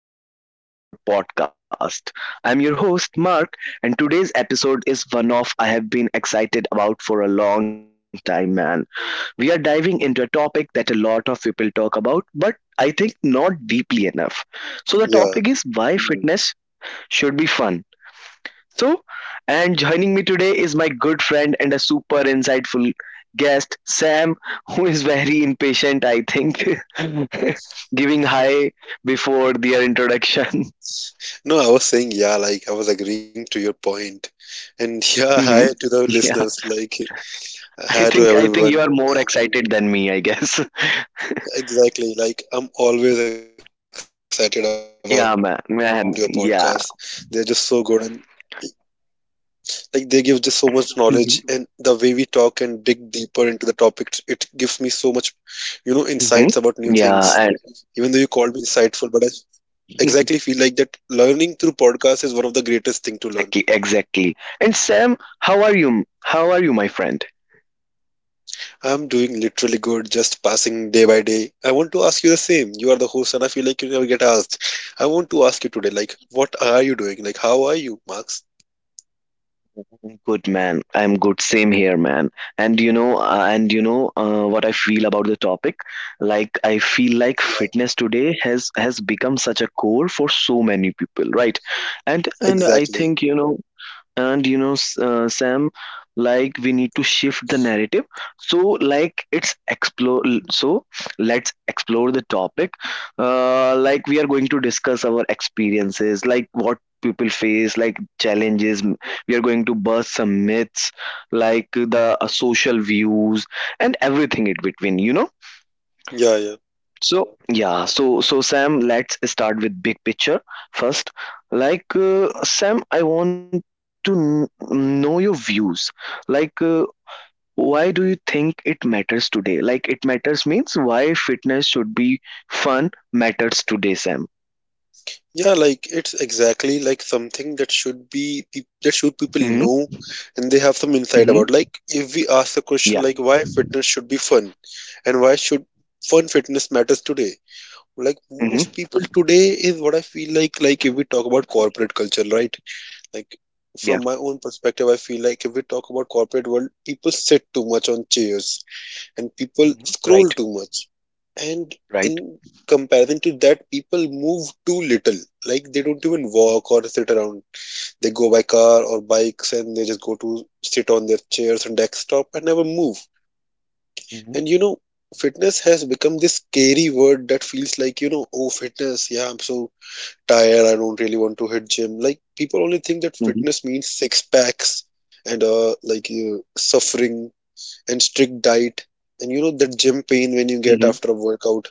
to another episode of our podcast. I'm your host, Mark, and today's episode is one of I have been excited about for a long time, man. We are diving into a topic that a lot of people talk about, but I think not deeply enough. So, the Yeah. topic is why fitness should be fun so, and joining me today is my good friend and a super insightful guest, Sam, who is very impatient, I think, giving hi before their introduction. No, I was saying, yeah, like I was agreeing to your point. And yeah, hi Mhm. to the yeah, listeners, like I hi to think I think everyone. you are more excited than me, I guess. Exactly. Like I'm always excited about your podcast. They're Yeah, just man, so good and man, yeah. like they give just so much knowledge, and the way we talk and dig Mm-hmm. deeper into the topics, it gives me so much, insights about new things. Mm-hmm. Even though you called me Yeah, insightful, but I exactly feel like that learning through podcast is one of the greatest thing to learn. exactly, exactly. And Sam, how are you? How are you, my friend? I'm doing literally good, just passing day by day. I want to ask you the same. You are the host, and I feel like you never get asked. I want to ask you today, like, what are you doing? Like, how are you, Max? Good man, I'm good. Same here, man. And you know what I feel about the topic. Like I feel like Yeah, fitness today has become such a core for so many people, right? And I exactly. think you know, and you know S- Sam, like we need to shift the narrative so like it's explore so let's explore the topic. Like we are going to discuss our experiences, like what people face, like challenges. We are going to bust some myths, like the social views and everything in between. Yeah, yeah. So yeah, so Sam, let's start with big picture first. Like Sam, I want to know your views. Like, why do you think it matters today? Like, it matters means why fitness should be fun matters today, Sam. Yeah, like it's exactly like something that should be that should people Mm-hmm. know, and they have some insight about. Mm-hmm. Like if we ask the question Yeah. like why fitness should be fun, and why should fun fitness matters today? Like most Mm-hmm. people today is what I feel like if we talk about corporate culture, right? Like from Yeah. my own perspective, I feel like if we talk about corporate world, people sit too much on chairs, and people Mm-hmm. scroll Right. too much. And Right. in comparison to that, people move too little. Like they don't even Mm-hmm. walk or sit around. They go by car or bikes, and they just go to sit on their chairs and desktop and never move. Mm-hmm. And fitness has become this scary word that feels like, oh, fitness, yeah, I'm so tired, I don't really want to hit gym, like people only think that Mm-hmm. fitness means six packs, and like you suffering and strict diet, and you know that gym pain when you get Mm-hmm. after a workout.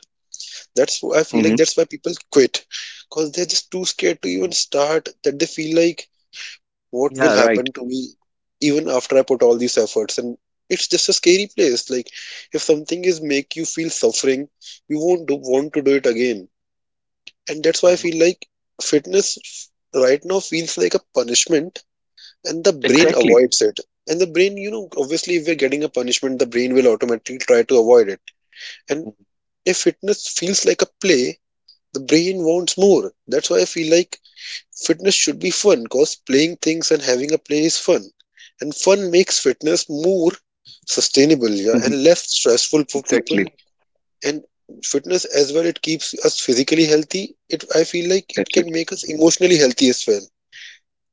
That's why I feel like that's why people quit, because they're just too scared to even Mm-hmm. start, that they feel like what will Yeah. happen Right. to me even after I put all these efforts, and it's just a scary place. Like if something is make you feel suffering, you won't do, want to do it again. And that's why I Mm-hmm. feel like fitness right now feels like a punishment, and the brain Exactly. avoids it. And the brain, obviously if we're getting a punishment, the brain will automatically try to avoid it. And if fitness feels like a play, the brain wants more. That's why I feel like fitness should be fun, because playing things and having a play is fun. And fun makes fitness more sustainable, yeah, and Mm-hmm. less stressful for Exactly. people. And fitness as well, it keeps us physically healthy, it I feel like it Exactly. can make us emotionally healthy as well.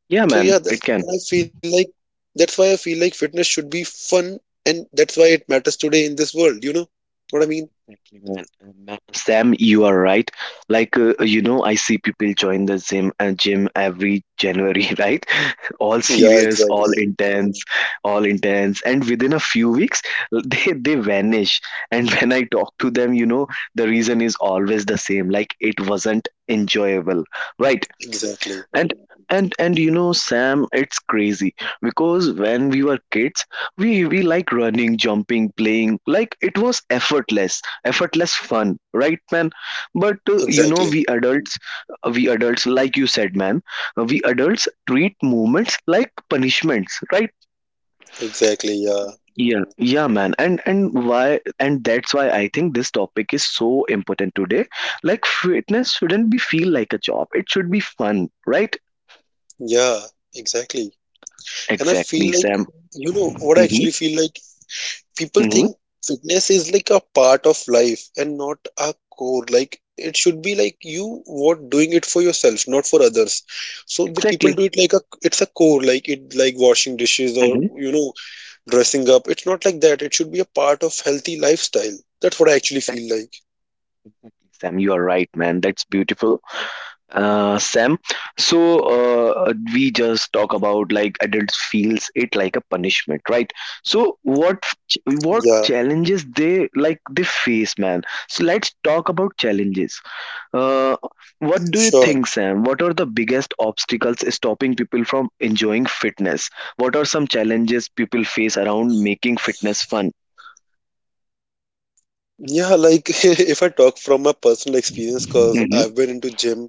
Yeah, So man, yeah, that's it what I can. feel like, that's why I feel like fitness should be fun, and that's why it matters today in this world, you know what I mean. Exactly, man. Sam, you are right. Like, you know, I see people join the gym every January, right? All Yeah, serious, all exactly. intense, all intense, and within a few weeks, they vanish. And when I talk to them, you know, the reason is always the same. Like, it wasn't enjoyable, right? Exactly. and and you know Sam, it's crazy, because when we were kids, we like running, jumping, playing, like it was effortless, effortless fun, right man? But you know, Exactly. we adults, like you said man, we adults treat movements like punishments, right? Exactly. Yeah, Yeah, yeah man. And why, and that's why I think this topic is so important today. Like fitness shouldn't be feel like a job, it should be fun, right? yeah. Exactly. And I feel Exactly, like, Sam. you know what I Mm-hmm. actually feel like, people Mm-hmm. think fitness is like a part of life and not a core. Like it should be like you what doing it for yourself, not for others. So the people Exactly. do it like a it's a core, like it, like washing dishes or Mm-hmm. Dressing up. It's not like that. It should be a part of healthy lifestyle. That's what I actually feel Exactly. like. Exactly. Sam, you are right, man. That's beautiful, Sam. So we just talk about like adults feels it like a punishment, right? So what Yeah, what challenges they like they face, man? So let's talk about challenges. Uh, what sure. do you think, Sam? What are the biggest obstacles stopping people from enjoying fitness? What are some challenges people face around making fitness fun? Yeah, like if I talk from my personal experience, because Mm-hmm. I've been into gym,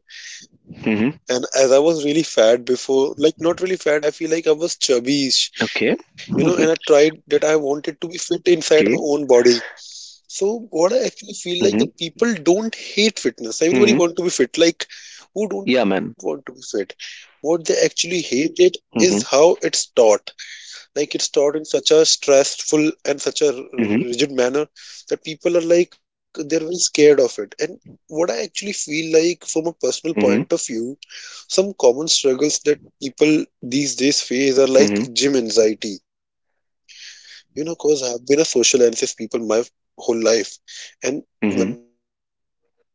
and as I was really fat before, like not really fat, I feel like I was chubby, you know, and I Okay. tried that I wanted to be fit inside my own body. Okay. So what I actually feel like, that people don't Mhm. hate fitness. Everybody want to be fit. Like Mhm. who don't want to be fit? Yeah, man. What they actually hate it is how it's taught. Mhm. Like it's taught in such a stressful and such a rigid manner that Mhm. people are like they're very scared of it. And what I actually feel like from a personal point of view, some Mhm. common struggles that people these days face are like gym anxiety, Mhm. you know, cause I've been a social anxious people my whole life. And when I go to the gym, it's obviously Mhm. always crowded,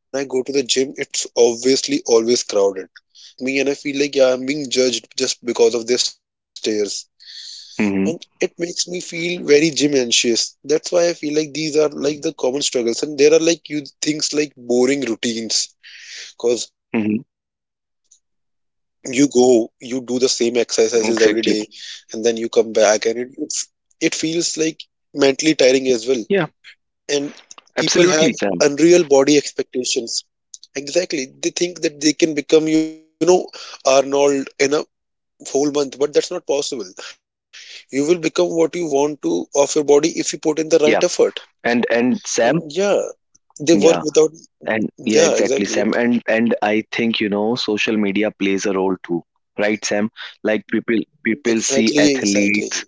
and I feel like everyone is judging me. All they do is just look at me, and I feel like, yeah, I'm being judged just because of their stares, Mhm. and it makes me feel very gym anxious. That's why I feel like these are like the common struggles, and there are like you things like boring routines, Mhm. because you go, you do the same exercises every day, Exactly. and then you come back, and it feels like mentally tiring as well. Yeah. And people have Absolutely, Sam. unreal body expectations. Exactly, they think that they can become, you know, Arnold in a whole month, but that's not possible. You will become what you want to of your body if you put in the right effort. Yeah. And And yeah, Sam. they work without. Yeah. And Yeah, yeah, exactly. Yep. exactly, Sam. And I think you know social media plays a role too, right, Sam? Like people see Exactly. Exactly. athletes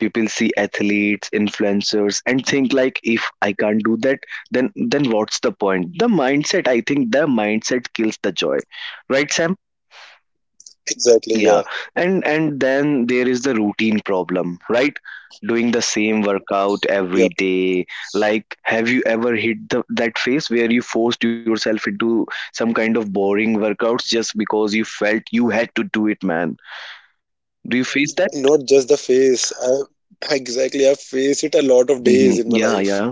people see athletes, influencers, and think like if I can't do that, then what's the point? The mindset, I think the mindset kills the joy, right Sam? Exactly. Yeah, Yeah. And then there is the routine problem, right? Doing the same workout every yeah. day, like have you ever hit that phase where you forced yourself into some kind of boring workouts just because you felt you had to do it, man? Do you face that? Not just the face. I've faced it a lot of days in my Yeah, life, yeah,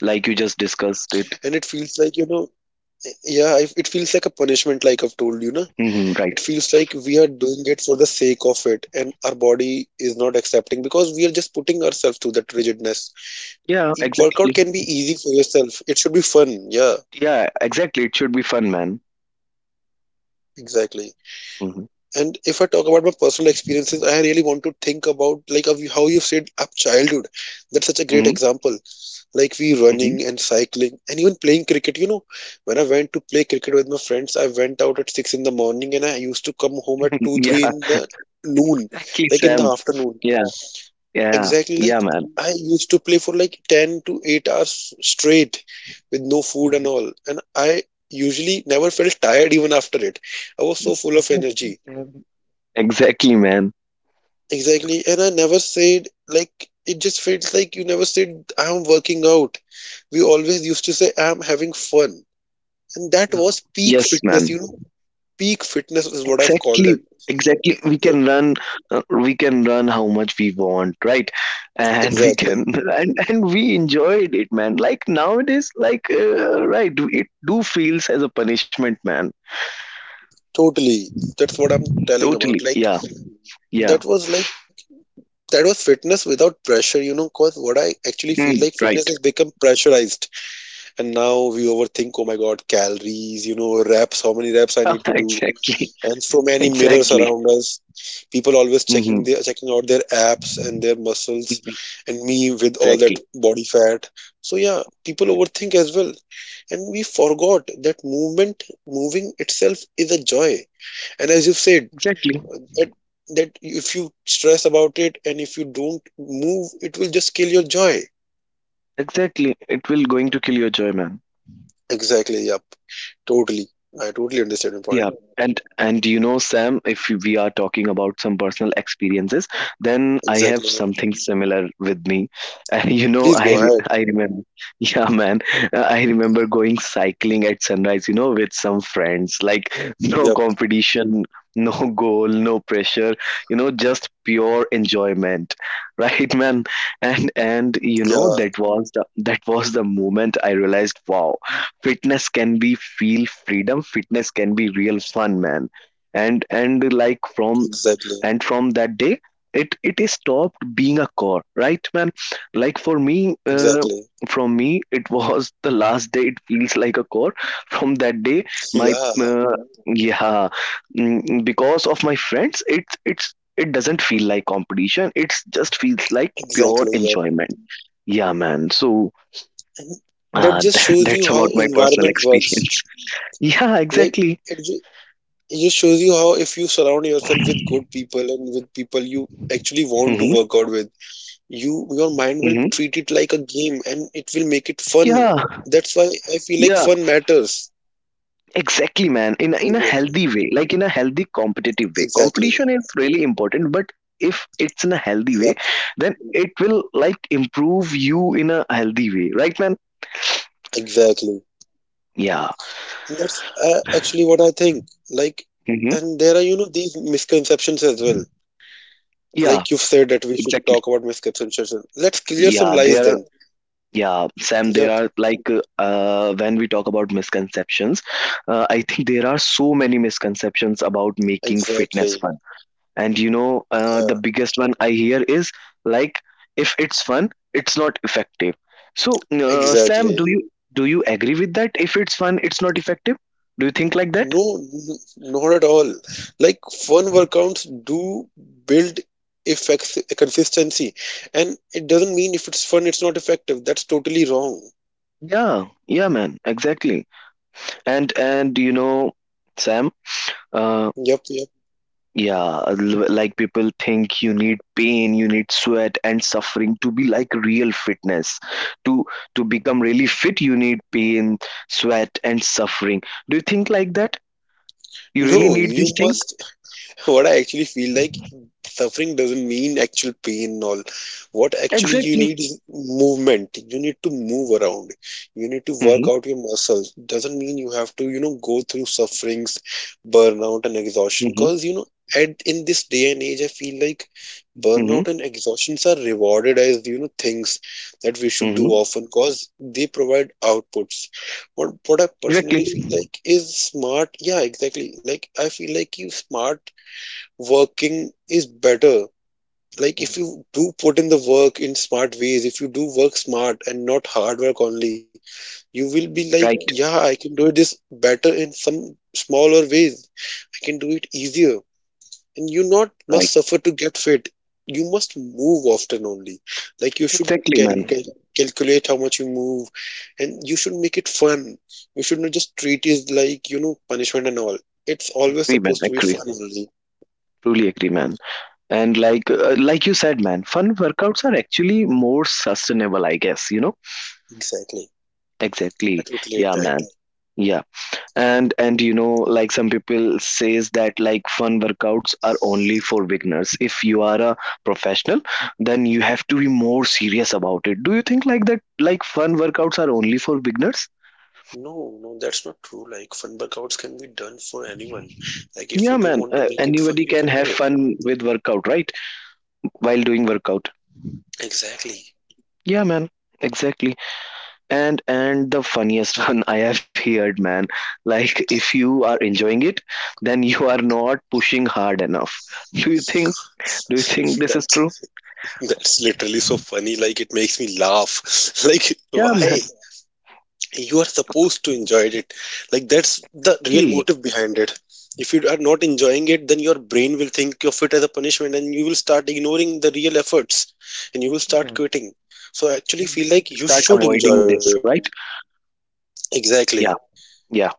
like you just discussed it. and it feels like yeah, it feels like a punishment. Like I've told you, na, Right. it feels like we are doing it for the sake of it, and our body is not accepting, because we are just putting ourselves through that rigidness. Yeah, exactly. Workout can be easy for yourself. It should be fun. Yeah, Yeah, exactly. It should be fun, man. exactly. hmm And if I talk about my personal experiences, I really want to think about like of how you said up childhood. That's such a great hmm example, like we hmm running and cycling and even playing cricket, you know, when I went to play cricket with my friends, I went out at 6 in the morning, and I used to come home at 2 3 Yeah, in the noon, lucky like in the Sam. afternoon. Yeah, yeah, Exactly, like yeah, man. I used to play for like 10 to 8 hours straight with no food and Mhm. all, and I usually never felt tired even after it. I was so full of energy. Exactly, man. Exactly, and I never said, like it just feels like you never said I'm working out. We always used to say I'm having fun. And that Yeah. was peak Yes, fitness, man. you know, peak fitness is what I've called that. Exactly, exactly. Like, We can run how much we want, right? And we can, exactly. and we enjoyed it, man. Like nowadays, like right, it do feels as a punishment, man. Totally. That's what I'm telling Totally. about. Yeah, Like, yeah. that was like, that was fitness without pressure, you know, cause what I actually Hmm. feel like Right. fitness has become pressurized. And now we overthink, oh my God, calories, reps, how many reps I need to do, Exactly, and so many mirrors exactly. around us. People always Mhm. checking their checking out their abs and their muscles, Mhm. and me with all Exactly. that body fat. So yeah, people Mhm. overthink as well, and we forgot that moving itself is a joy. And as you said, Exactly. that that if you stress about it and if you don't move, it will just kill your joy. Exactly. It will going to kill your joy, man. Exactly. Yep. Totally. I totally understand your Yeah, point. and you know, Sam, if we are talking about some personal experiences, then I have Exactly. Yep. something similar with me. You know, Please go I ahead. remember, yeah, man, I remember going cycling at sunrise. You know, with some friends, like no Yep. competition, no goal, no pressure. You know, just pure enjoyment, right, man? And you Yeah. know, that was the moment I realized, wow, fitness can be feel freedom, fitness can be real fun, man. and and like from Exactly. and from that day, it is stopped being a core, right man? Like for me, uh, Exactly. from me it was the last day it feels like a core. From that day my Yeah, uh, yeah because of my friends, it's it doesn't feel like competition, it's just feels like pure exactly. Yeah. enjoyment, yeah man. So And that uh, just shows you that's how about my personal environment works. experience. Yeah, Like exactly. it, ju- it just shows you how if you surround yourself with good people and with people you actually want to hmm work out with, your mind will hmm treat it like a game, and it will make it fun. Yeah, That's why I feel like yeah, fun matters. exactly, man. In a Exactly. healthy way, like in a healthy competitive way. Exactly. Competition is really important, but if it's in a healthy way, Yep. then it will like improve you in a healthy way, right, man? Exactly. Yeah. And that's actually what I think. Like, hmm and there are these misconceptions as well, Yeah, like you've said that we should exactly. talk about misconceptions. Let's clear some Yeah, lies there are. then. Yeah, Sam, there Yep, are like when we talk about misconceptions, I think there are so many misconceptions about making fitness exactly. fun. And you know the Yeah, biggest one I hear is, like, if it's fun, it's not effective. So Sam, exactly. do you agree with that? If it's fun, it's not effective, do you think like that? No, not at all. Like fun workouts do build effects consistency, and it doesn't mean if it's fun, it's not effective. That's totally wrong. Yeah, yeah man, exactly. And you know Sam, uh Yep, yep. yeah like people think you need pain, you need sweat and suffering to be like real fitness, to to become really fit you need pain, sweat and suffering. Do you think like that? You really No, need you this thing? must what I actually feel like, suffering doesn't mean actual pain and all. What actually you Exactly. need is movement. You need to move around. You need to work Mm-hmm, out your muscles. Doesn't mean you have to, go through sufferings, burnout and exhaustion. mm-hmm, Because at in this day and age I feel like mm-hmm, burnout and exhaustions are rewarded as, things that we should do mm-hmm. often, because they provide outputs. What I Exactly. personally feel like is smart. Yeah, exactly. Like I feel like you smart working is better. Like if Mhm. you do put in the work in smart ways, if you do work smart and not hard work only, you will be like, Right, yeah, I can do it this better in some smaller ways. I can do it easier. And you not must right. suffer to get fit. You must move often only. Like you should Exactly, man. Calculate how much you move, and you should make it fun. You should not just treat it like punishment and all. It's always Agree, man. supposed to be Agree. fun only. Truly agree, man. And like you said, man, fun workouts are actually more sustainable, I guess. You know. Exactly. I Exactly. totally Yeah, agree. Like, man. Yeah. And you know, like some people says that like fun workouts are only for beginners, if you are a professional then you have to be more serious about it. Do you think like that, like fun workouts are only for beginners? no, no, that's not true. Like, fun workouts can be done for anyone. Like, if you Yeah do man, want to make it fun, anybody you can can have do it. fun with workout, right, while doing workout? Exactly. Yeah man, exactly. And the funniest one I have heard, man, like if you are enjoying it, then you are not pushing hard enough. Do you think, do you think this is That's true? that's literally so funny. Like, it makes me laugh. Like, Yeah man. why? You are supposed to enjoy it. Like, that's the real Exactly, motive behind it. If you are not enjoying it, then your brain will think of it as a punishment, and you will start ignoring the real efforts, and you will exactly, start man. quitting. So, I actually Then you feel will like you start should avoiding enjoy it. this, right? Exactly. Yeah, yeah,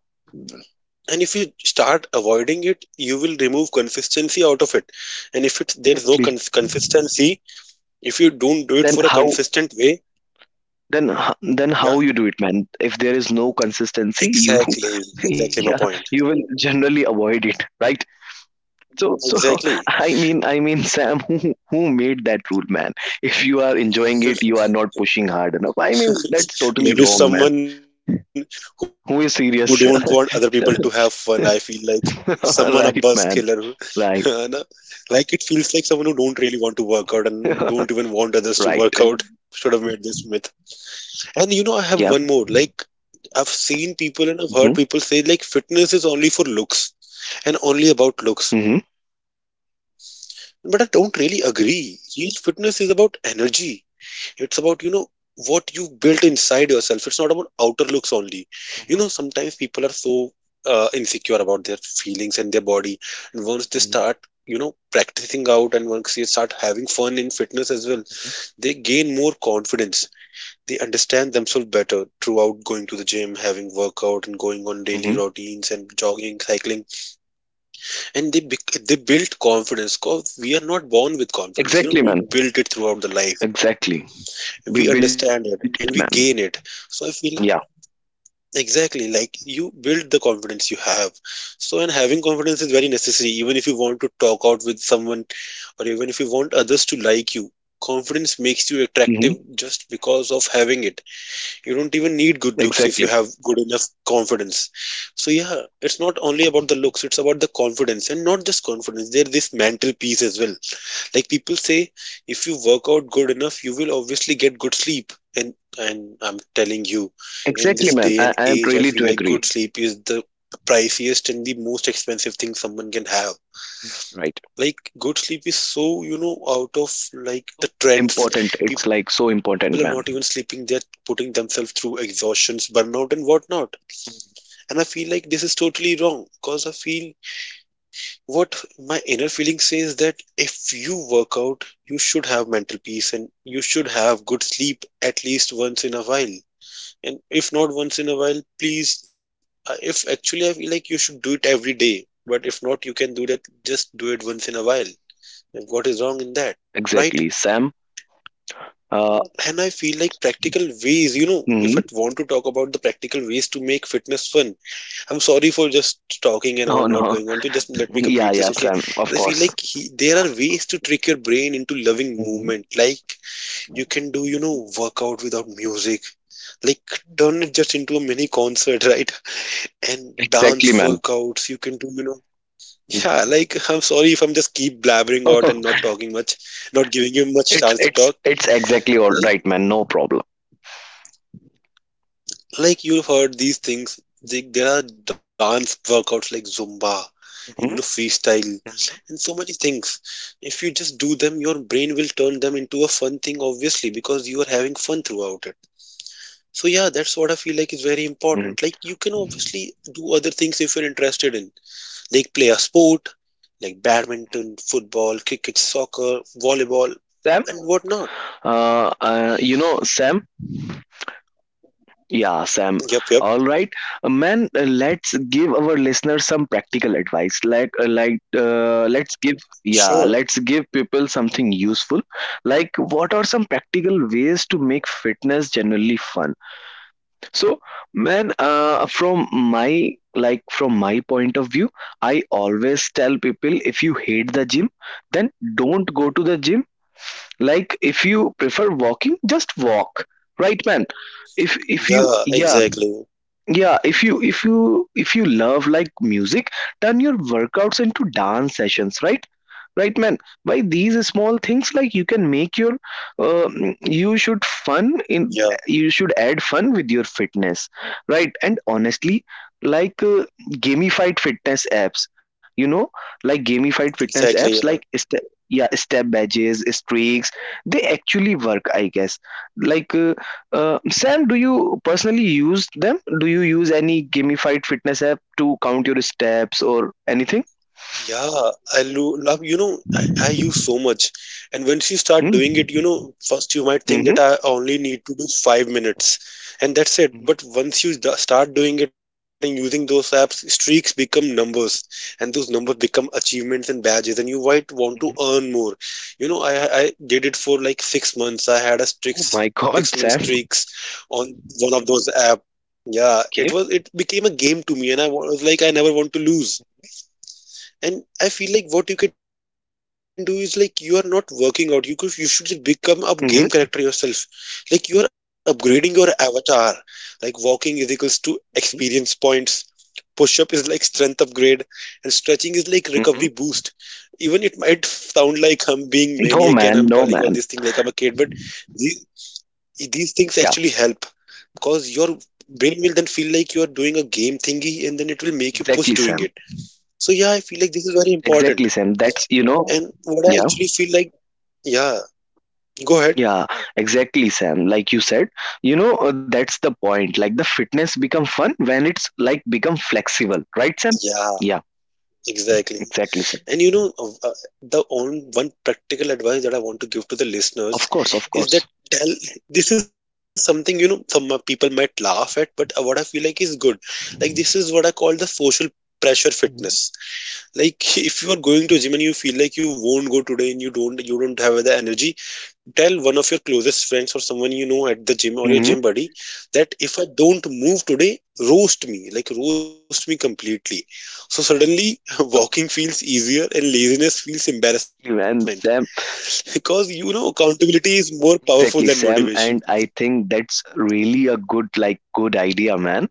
And if you start avoiding it, you will remove consistency out of it. And if it's there is no exactly. Consistency, if you don't do it Then for a how? consistent way, Then then how you yeah, do it, man? If there is no consistency, you exactly, yeah, you exactly will my point, generally avoid it, right? So I exactly. mean I mean Sam, who made that rule, man? If you are enjoying it, you are not pushing hard enough. I mean that's totally wrong, man. Maybe someone Who is who don't serious? want other people to have fun, I feel like someone a bus Right, killer man. who है Right, ना? Like it feels like someone who don't really want to work out and don't even want others to right. work out should have made this myth. And you know, I have Yeah. one more. Like, I've seen people and I've heard hmm people say, like, fitness is only for looks and only about looks. hmm But I don't really agree. Real fitness is about energy. It's about, you know, what you built inside yourself. It's not about outer looks only. You know, sometimes people are so insecure about their feelings and their body. And once they start, you know, Mhm, practicing out and once they start having fun in fitness mhm. as well, they gain more confidence. They understand themselves better throughout going to the gym, having workout, hmm and going on daily routines and jogging, cycling, and they build confidence. Cause we are not born with confidence, Exactly, you know, man. we build it throughout the life. Exactly. We built it, We man. understand it and we gain Yeah, it. So I feel exactly like you build the confidence you have. So and having confidence is very necessary, even if you want to talk out with someone or even if you want others to like you. Confidence makes you attractive just because of having it. You don't exactly. even need good looks if you have good enough confidence. So yeah, it's not only about the looks, it's about the confidence. And not just confidence, there's this mental peace as well. Like people say, if you work out good enough you will obviously get good sleep. And I'm telling you, in Exactly, this man. day and I age I really do feel like good agree. sleep is the priciest and the most expensive thing someone can have. Mhm. Right. Like good sleep is so, you know, out of So, like the important. trends. It's like so People are not important, even man. sleeping, they're putting themselves through exhaustions, burnout, and whatnot. mhm, And I feel like this is totally wrong because I feel what my inner feeling says that if you work out, you should have mental peace and you should have good sleep at least once in a while. And if not once in a while, please, if actually I feel like you should do it every day, but if not, you can do that, just do it once in a while. And what is wrong in that? Right? Exactly, Sam. Uh, And I feel like practical ways, you know, if I hmm want to talk about the practical ways to make fitness fun, I'm sorry for just talking and all No, not no. going on to just let me Yeah, complete yeah, this, okay. Sam. Of And I feel course. like there are ways to trick your brain into loving mhm, movement. Like you can do, you know, workout without music, like turn it just into a mini concert right? And Exactly, dance man. workouts you can do, you know. Yeah, like I'm sorry if I'm just keep blabbering out and not talking much, not giving you much it's chance to it's talk. it's exactly all like right, man. No problem. Like you've heard these things, there are dance workouts like Zumba and you know mhm, freestyle and so many things. If you just do them, your brain will turn them into a fun thing, obviously, because you are having fun throughout it. So yeah, that's what I feel like is very mhm. important. Like you can obviously do other things if you're interested in, like play a sport, like badminton, football, cricket, soccer, volleyball, Sam? and whatnot. You know, Sam? Yep, Yeah, yep. Sam. All right, man. Let's give our listeners some practical advice. Like, let's give Sure. yeah, let's give people something useful. Like, what are some practical ways to make fitness generally fun? So, man, from my like from my point of view, I always tell people, if you hate the gym, then don't go to the gym. Like if you prefer walking, just walk. Right, man? If you Yeah, yeah, exactly. yeah, if you if you love like music, turn your workouts into dance sessions, right, right man? By these small things like you can make your uh, you should fun in Yeah, you should add fun with your fitness, right? And honestly, like gamified fitness apps you know gamified fitness apps exactly. like step, yeah, step badges, streaks, they actually work, I guess. Like Sam, do you personally use them? Do you use any gamified fitness app to count your steps or anything? Yeah, I love, you know, I use so much. And once you start doing it, you Mm. know, first you might think that Mm-hmm. I only need to do 5 minutes and that's it. hmm But once you start doing it and using those apps, streaks become numbers and those numbers become achievements and badges and you might want to hmm earn more. You know, I did it for like 6 months. I had a Oh streak, my 6 month God, Sam. streaks on one of those apps. Yeah, it Okay. was, it became a game to me and I was like, I never want to lose. And I feel like what you can do is like you are not working out. You could you should just become a game character yourself. hmm Like you are upgrading your avatar. Like walking is equals to experience points. Push up is like strength upgrade, and stretching is like recovery boost. hmm Even it might sound like I'm being maniac and I'm telling No, all these man. things like No, I'm a man. kid, but these, these things actually help Yeah, because your brain will then feel like you are doing a game thingy, and then it will make you push doing exactly, it. Sam. So yeah, I feel like this is very important. Exactly, Sam. That's, you know, And what I yeah, actually feel like, yeah, go ahead. yeah, exactly, Sam. Like you said, you know, That's the point. Like the fitness become fun when it's like become flexible, right, Sam? Yeah, Yeah, exactly, exactly. Sam. And the on one practical advice that I want to give to the Of course, of listeners course. is that tell this is something you know some people might laugh at, but what I feel like is good. Like this is what I call the social pressure fitness. Like if you are going to gym and you feel like you won't go today and you don't have the energy, tell one of your closest friends or someone you know at the gym or your Hmm. gym buddy that if I don't move today, roast me, like roast me completely. So suddenly walking feels easier and laziness feels embarrassment And Sam, because you know accountability is more powerful than motivation. exactly, Sam, and I think that's really a good, like, good idea, man.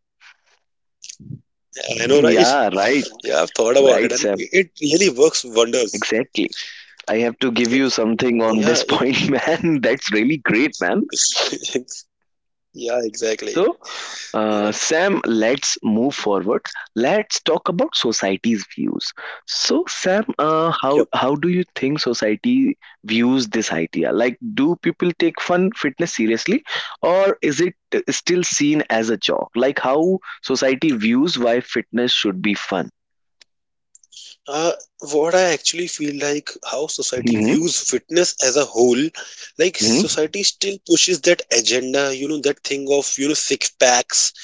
I know, right? Yeah, Yeah, I've right, thought about it and it right, Sam, really works wonders. exactly. I It, have to give you yeah, something on this point, man. That's really great, man. it, yeah, exactly. So, Yep. uh, Sam, let's move forward. Let's talk about society's views. So, Sam, how do you think society views this idea? Like, do people take fun fitness seriously, or is it still seen as a joke? Like, how society views why fitness should be fun? Uh, what I actually feel like how society Hmm. views fitness as a whole, like Hmm. society still pushes that agenda, you know, that thing of, you know, six packs,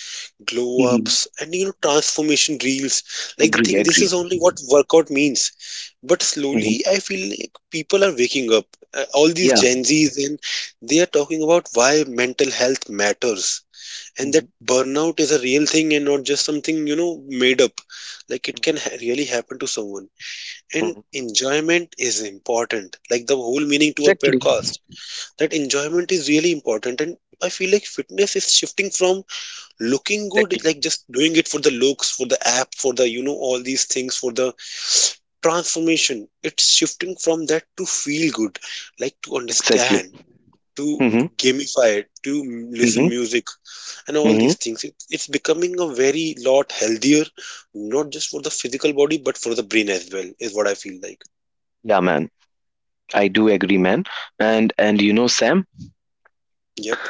glow Hmm. ups, and, you know, transformation reels. Like the Agree, thing, this agree. is only what workout means. But slowly, Hmm. I feel like people are waking up. All these Yeah. Gen Zs, and they are talking about why mental health matters. And that Hmm. burnout is a real thing and not just something, you know, made up. Like it can really happen to someone and Hmm. enjoyment is important, like the whole meaning to a Exactly, podcast, that enjoyment is really important. And I feel like fitness is shifting from looking good, exactly, like just doing it for the looks for the app for the you know all these things for the transformation, it's shifting from that to feel good. Like to exactly. understand, to Hmm. gamify it, to listen Hmm. music and all Hmm. these things, it's becoming a very lot healthier, not just for the physical body but for the brain as well, is what I feel like. Yeah, man. I do agree, man. And you know, Sam, Yep.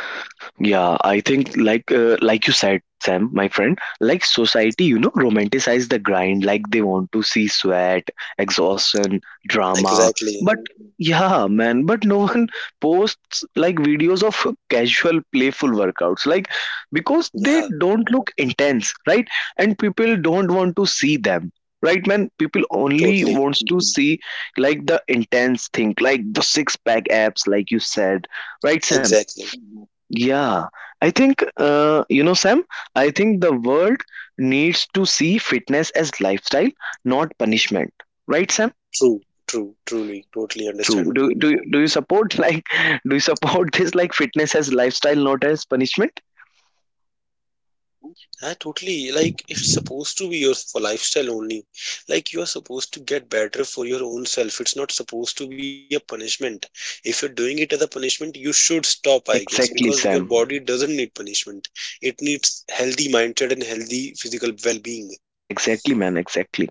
yeah, I think like like you said, Sam, my friend, like society, you know, romanticize the grind, like they want to see sweat, exhaustion, drama. Exactly. But yeah, man, but no one posts like videos of casual, playful workouts, like because they Yeah, don't look intense, right? And people don't want to see them. Right, man. People only totally. wants to see like the intense thing, like the six pack abs, like you said. Right, Sam? Exactly. Yeah, I think, you know, Sam, I think the world needs to see fitness as lifestyle, not punishment. Right, Sam? True, truly, totally True. Do, understandable. do, do you support like do you support this like fitness as lifestyle not as punishment Yeah, totally, like it's supposed to be your for lifestyle only. Like you are supposed to get better for your own self. It's not supposed to be a punishment. If you're doing it as a punishment, you should stop, I guess, because your body doesn't exactly need Sam punishment. It needs healthy mindset and healthy physical well-being. exactly man exactly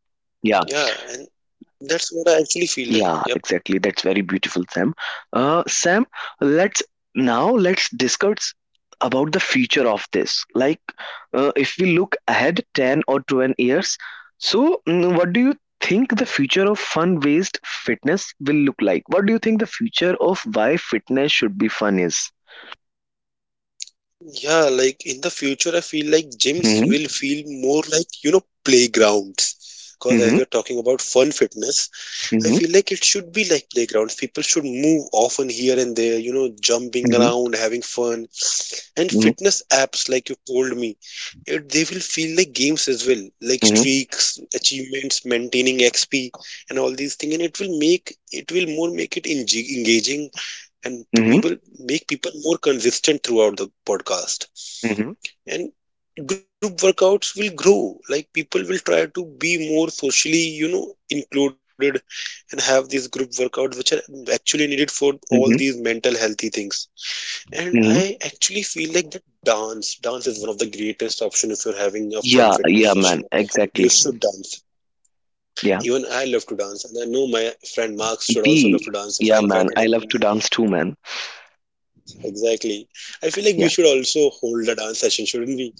Yeah, yeah. and that's what I actually feel like. Yep. Yeah, exactly. That's very beautiful, Sam. Sam, let's now let's discuss about the future of this. If we look ahead 10 or 12 years, so what do you think the future of fun-based fitness will look like? What do you think the future of why fitness should be fun is? Yeah, like in the future, I feel like gyms will Mm-hmm. feel more like, you know, playgrounds. Because as Mm-hmm. we're talking about fun fitness, I feel like it should be like playgrounds. People should move often here and there, you know, jumping Mm-hmm. around, having fun. And Mm-hmm. fitness apps, like you told me, they will feel like games as well, like Mm-hmm. Mm-hmm. streaks, achievements, maintaining XP, and all these things. And it will more make it engaging and Mm-hmm. people make people more consistent throughout the podcast. Mm-hmm. And group workouts will grow, like people will try to be more socially you know included and have these group workouts which are actually needed for all these Mm-hmm. mental healthy things. And I Mm-hmm. actually feel like that dance is one of the greatest option if you're having a fun Yeah. fitness Yeah, session, man. you should Exactly. dance. Yeah. Even I love to dance and I know my friend Mark should also love to B. dance if I Yeah, man. invited I him. love to dance too, man. Exactly, I feel like we Yeah. should also hold a dance session, shouldn't we,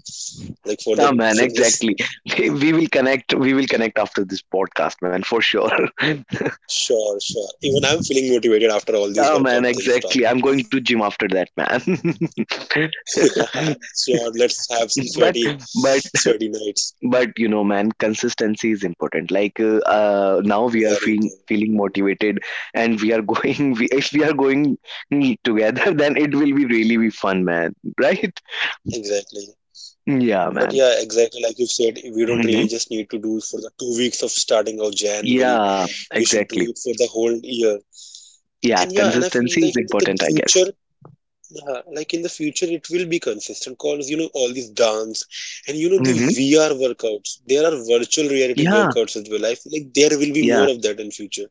like for Yeah, the man. fitness. Exactly. We will connect. We will connect after this podcast, man, for sure. yeah, Sure, sure. Even I'm feeling motivated after all these workout things man. talk. Exactly. I'm going to gym after that, man. Yeah, sure, let's have some sweaty, but but sweaty nights. but you know, man, consistency is important. Now we are Very feeling important. feeling motivated, and we are going. We, if we are going together, then it will be really be fun, man. Right? Exactly. Yeah, But man. yeah, exactly like you said, we don't really Hmm. just need to do for the 2 weeks of starting of January. Yeah. We should Exactly. do it for the whole year. Yeah, And yeah, and I feel consistency is like the important, I guess. future, yeah, like in the future, it will be consistent because you know all these dance and you know the Hmm. VR workouts. There are virtual reality Yeah, workouts as well. I feel like there will be more yeah. of that in future.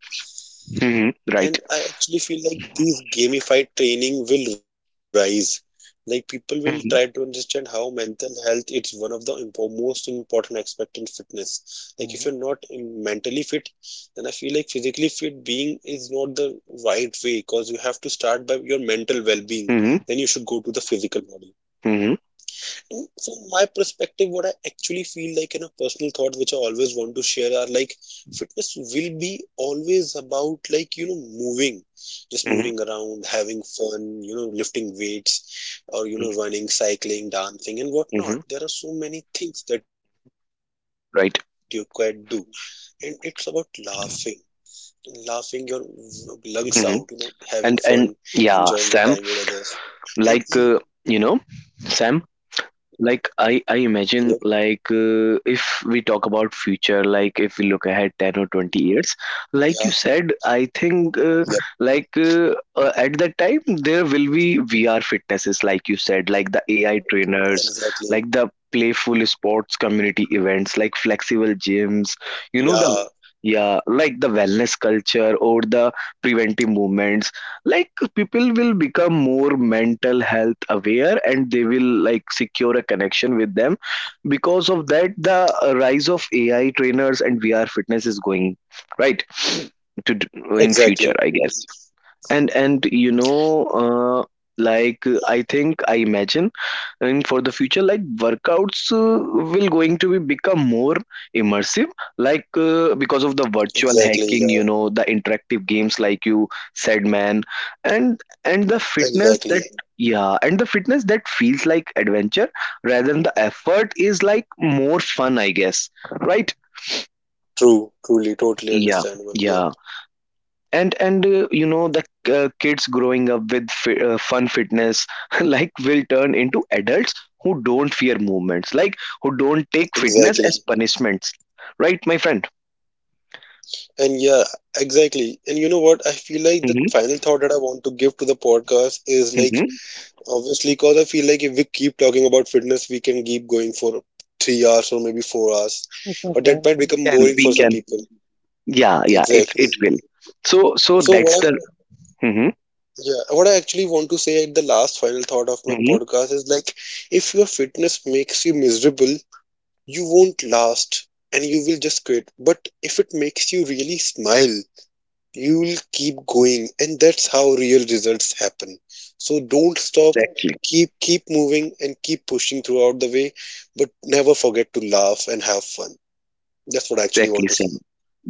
Hmm. Right. And I actually feel like these gamified training will rise. Like people will Hmm. try to understand how mental health is one of the most important aspect in fitness. Like if you're not mentally fit, then I feel like physically fit being is not the right way because you have to start by your mental well-being. Hmm. Then you should go to the physical body. Hmm. From my perspective, what I actually feel like in a personal thought, which I always want to share, are like fitness will be always about like you know moving, Hmm. just moving around, having fun, you know, lifting weights, or you know, running, cycling, dancing, and Hmm. whatnot. There are so many things that you could do, Right. and it's about laughing. Laughing your lungs out, you know, having fun, Hmm. enjoying your And time and with others, yeah, Sam, and even, like uh, you know, Sam, like yep, I imagine if we talk about future like if we look ahead 10 or 20 years yeah, like you said I yep, think at that time there will be VR fitnesses like you said like the AI trainers exactly. like the playful sports community events like flexible gyms you know the Yeah, yeah like the wellness culture or the preventive movements like people will become more mental health aware and they will like secure a connection with them because of that the rise of AI trainers and VR fitness is going right to d- in future I exactly, guess and you know uh, like I think I imagine and for the future like workouts will going to be become more immersive because of the virtual exactly, hacking yeah, you know the interactive games like you said man and the fitness exactly. that yeah and the fitness that feels like adventure rather than the effort is like more fun I guess right True, truly, totally yeah understandable. Yep, yeah and you know the kids growing up with fun fitness like will turn into adults who don't fear movements like who don't take fitness exactly. as punishments right my friend. And yeah, exactly. And you know what? I feel like the Hmm. final thought that I want to give to the podcast is like, Hmm. obviously, because I feel like if we keep talking about fitness, we can keep going for 3 hours or maybe 4 hours, but that might become And boring we for some can people. yeah yeah it Exactly. it will so so So that's what the. I Hmm. yeah, what I actually want to say at the last final thought of my Hmm. podcast is like, if your fitness makes you miserable, you won't last and you will just quit. But if it makes you really smile, you'll keep going, and that's how real results happen. So don't stop, Exactly keep moving and keep pushing throughout the way, but never forget to laugh and have fun. That's what I actually exactly want to say. Sam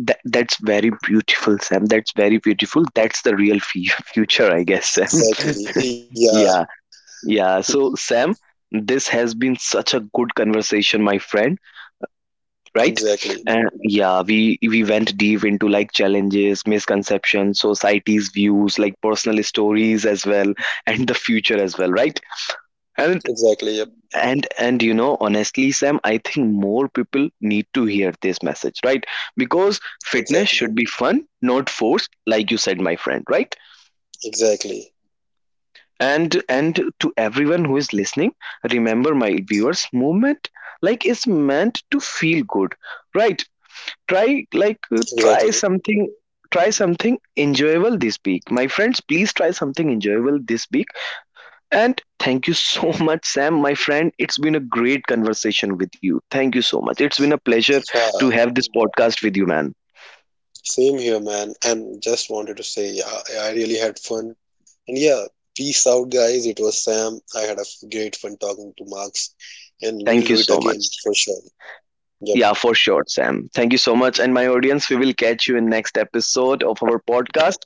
that's very beautiful Sam that's very beautiful that's the future I guess Sam Exactly. Yeah, yeah. Yeah, so Sam, this has been such a good conversation, my friend, exactly. right? Yeah. And yeah, we went deep into like challenges, misconceptions, society's views, like personal stories as well, and the future as well, right? And Exactly. Yep. and you know, honestly, Sam, I think more people need to hear this message, right? Because Exactly. fitness should be fun, not forced, like you said, my friend, right? Exactly. And to everyone who is listening remember my viewers movement like is meant to feel good right try Exactly. Try something enjoyable this week my friends please try something enjoyable this week and thank you so much Sam my friend it's been a great conversation with you thank you so much it's been a pleasure Yeah. to have this podcast with you man Same here, man. And just wanted to say, yeah, I really had fun. And yeah, peace out, guys. It was Sam. I had a great fun talking to Marks, and we'll thank you do it so again much. for sure. Yeah, Yep, for sure, Sam. Thank you so much. And yep, my audience, we will catch you in next episode of our podcast.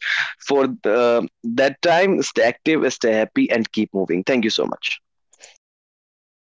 For that time, stay active, stay happy, and keep moving. Thank you so much. yep, guys. Peace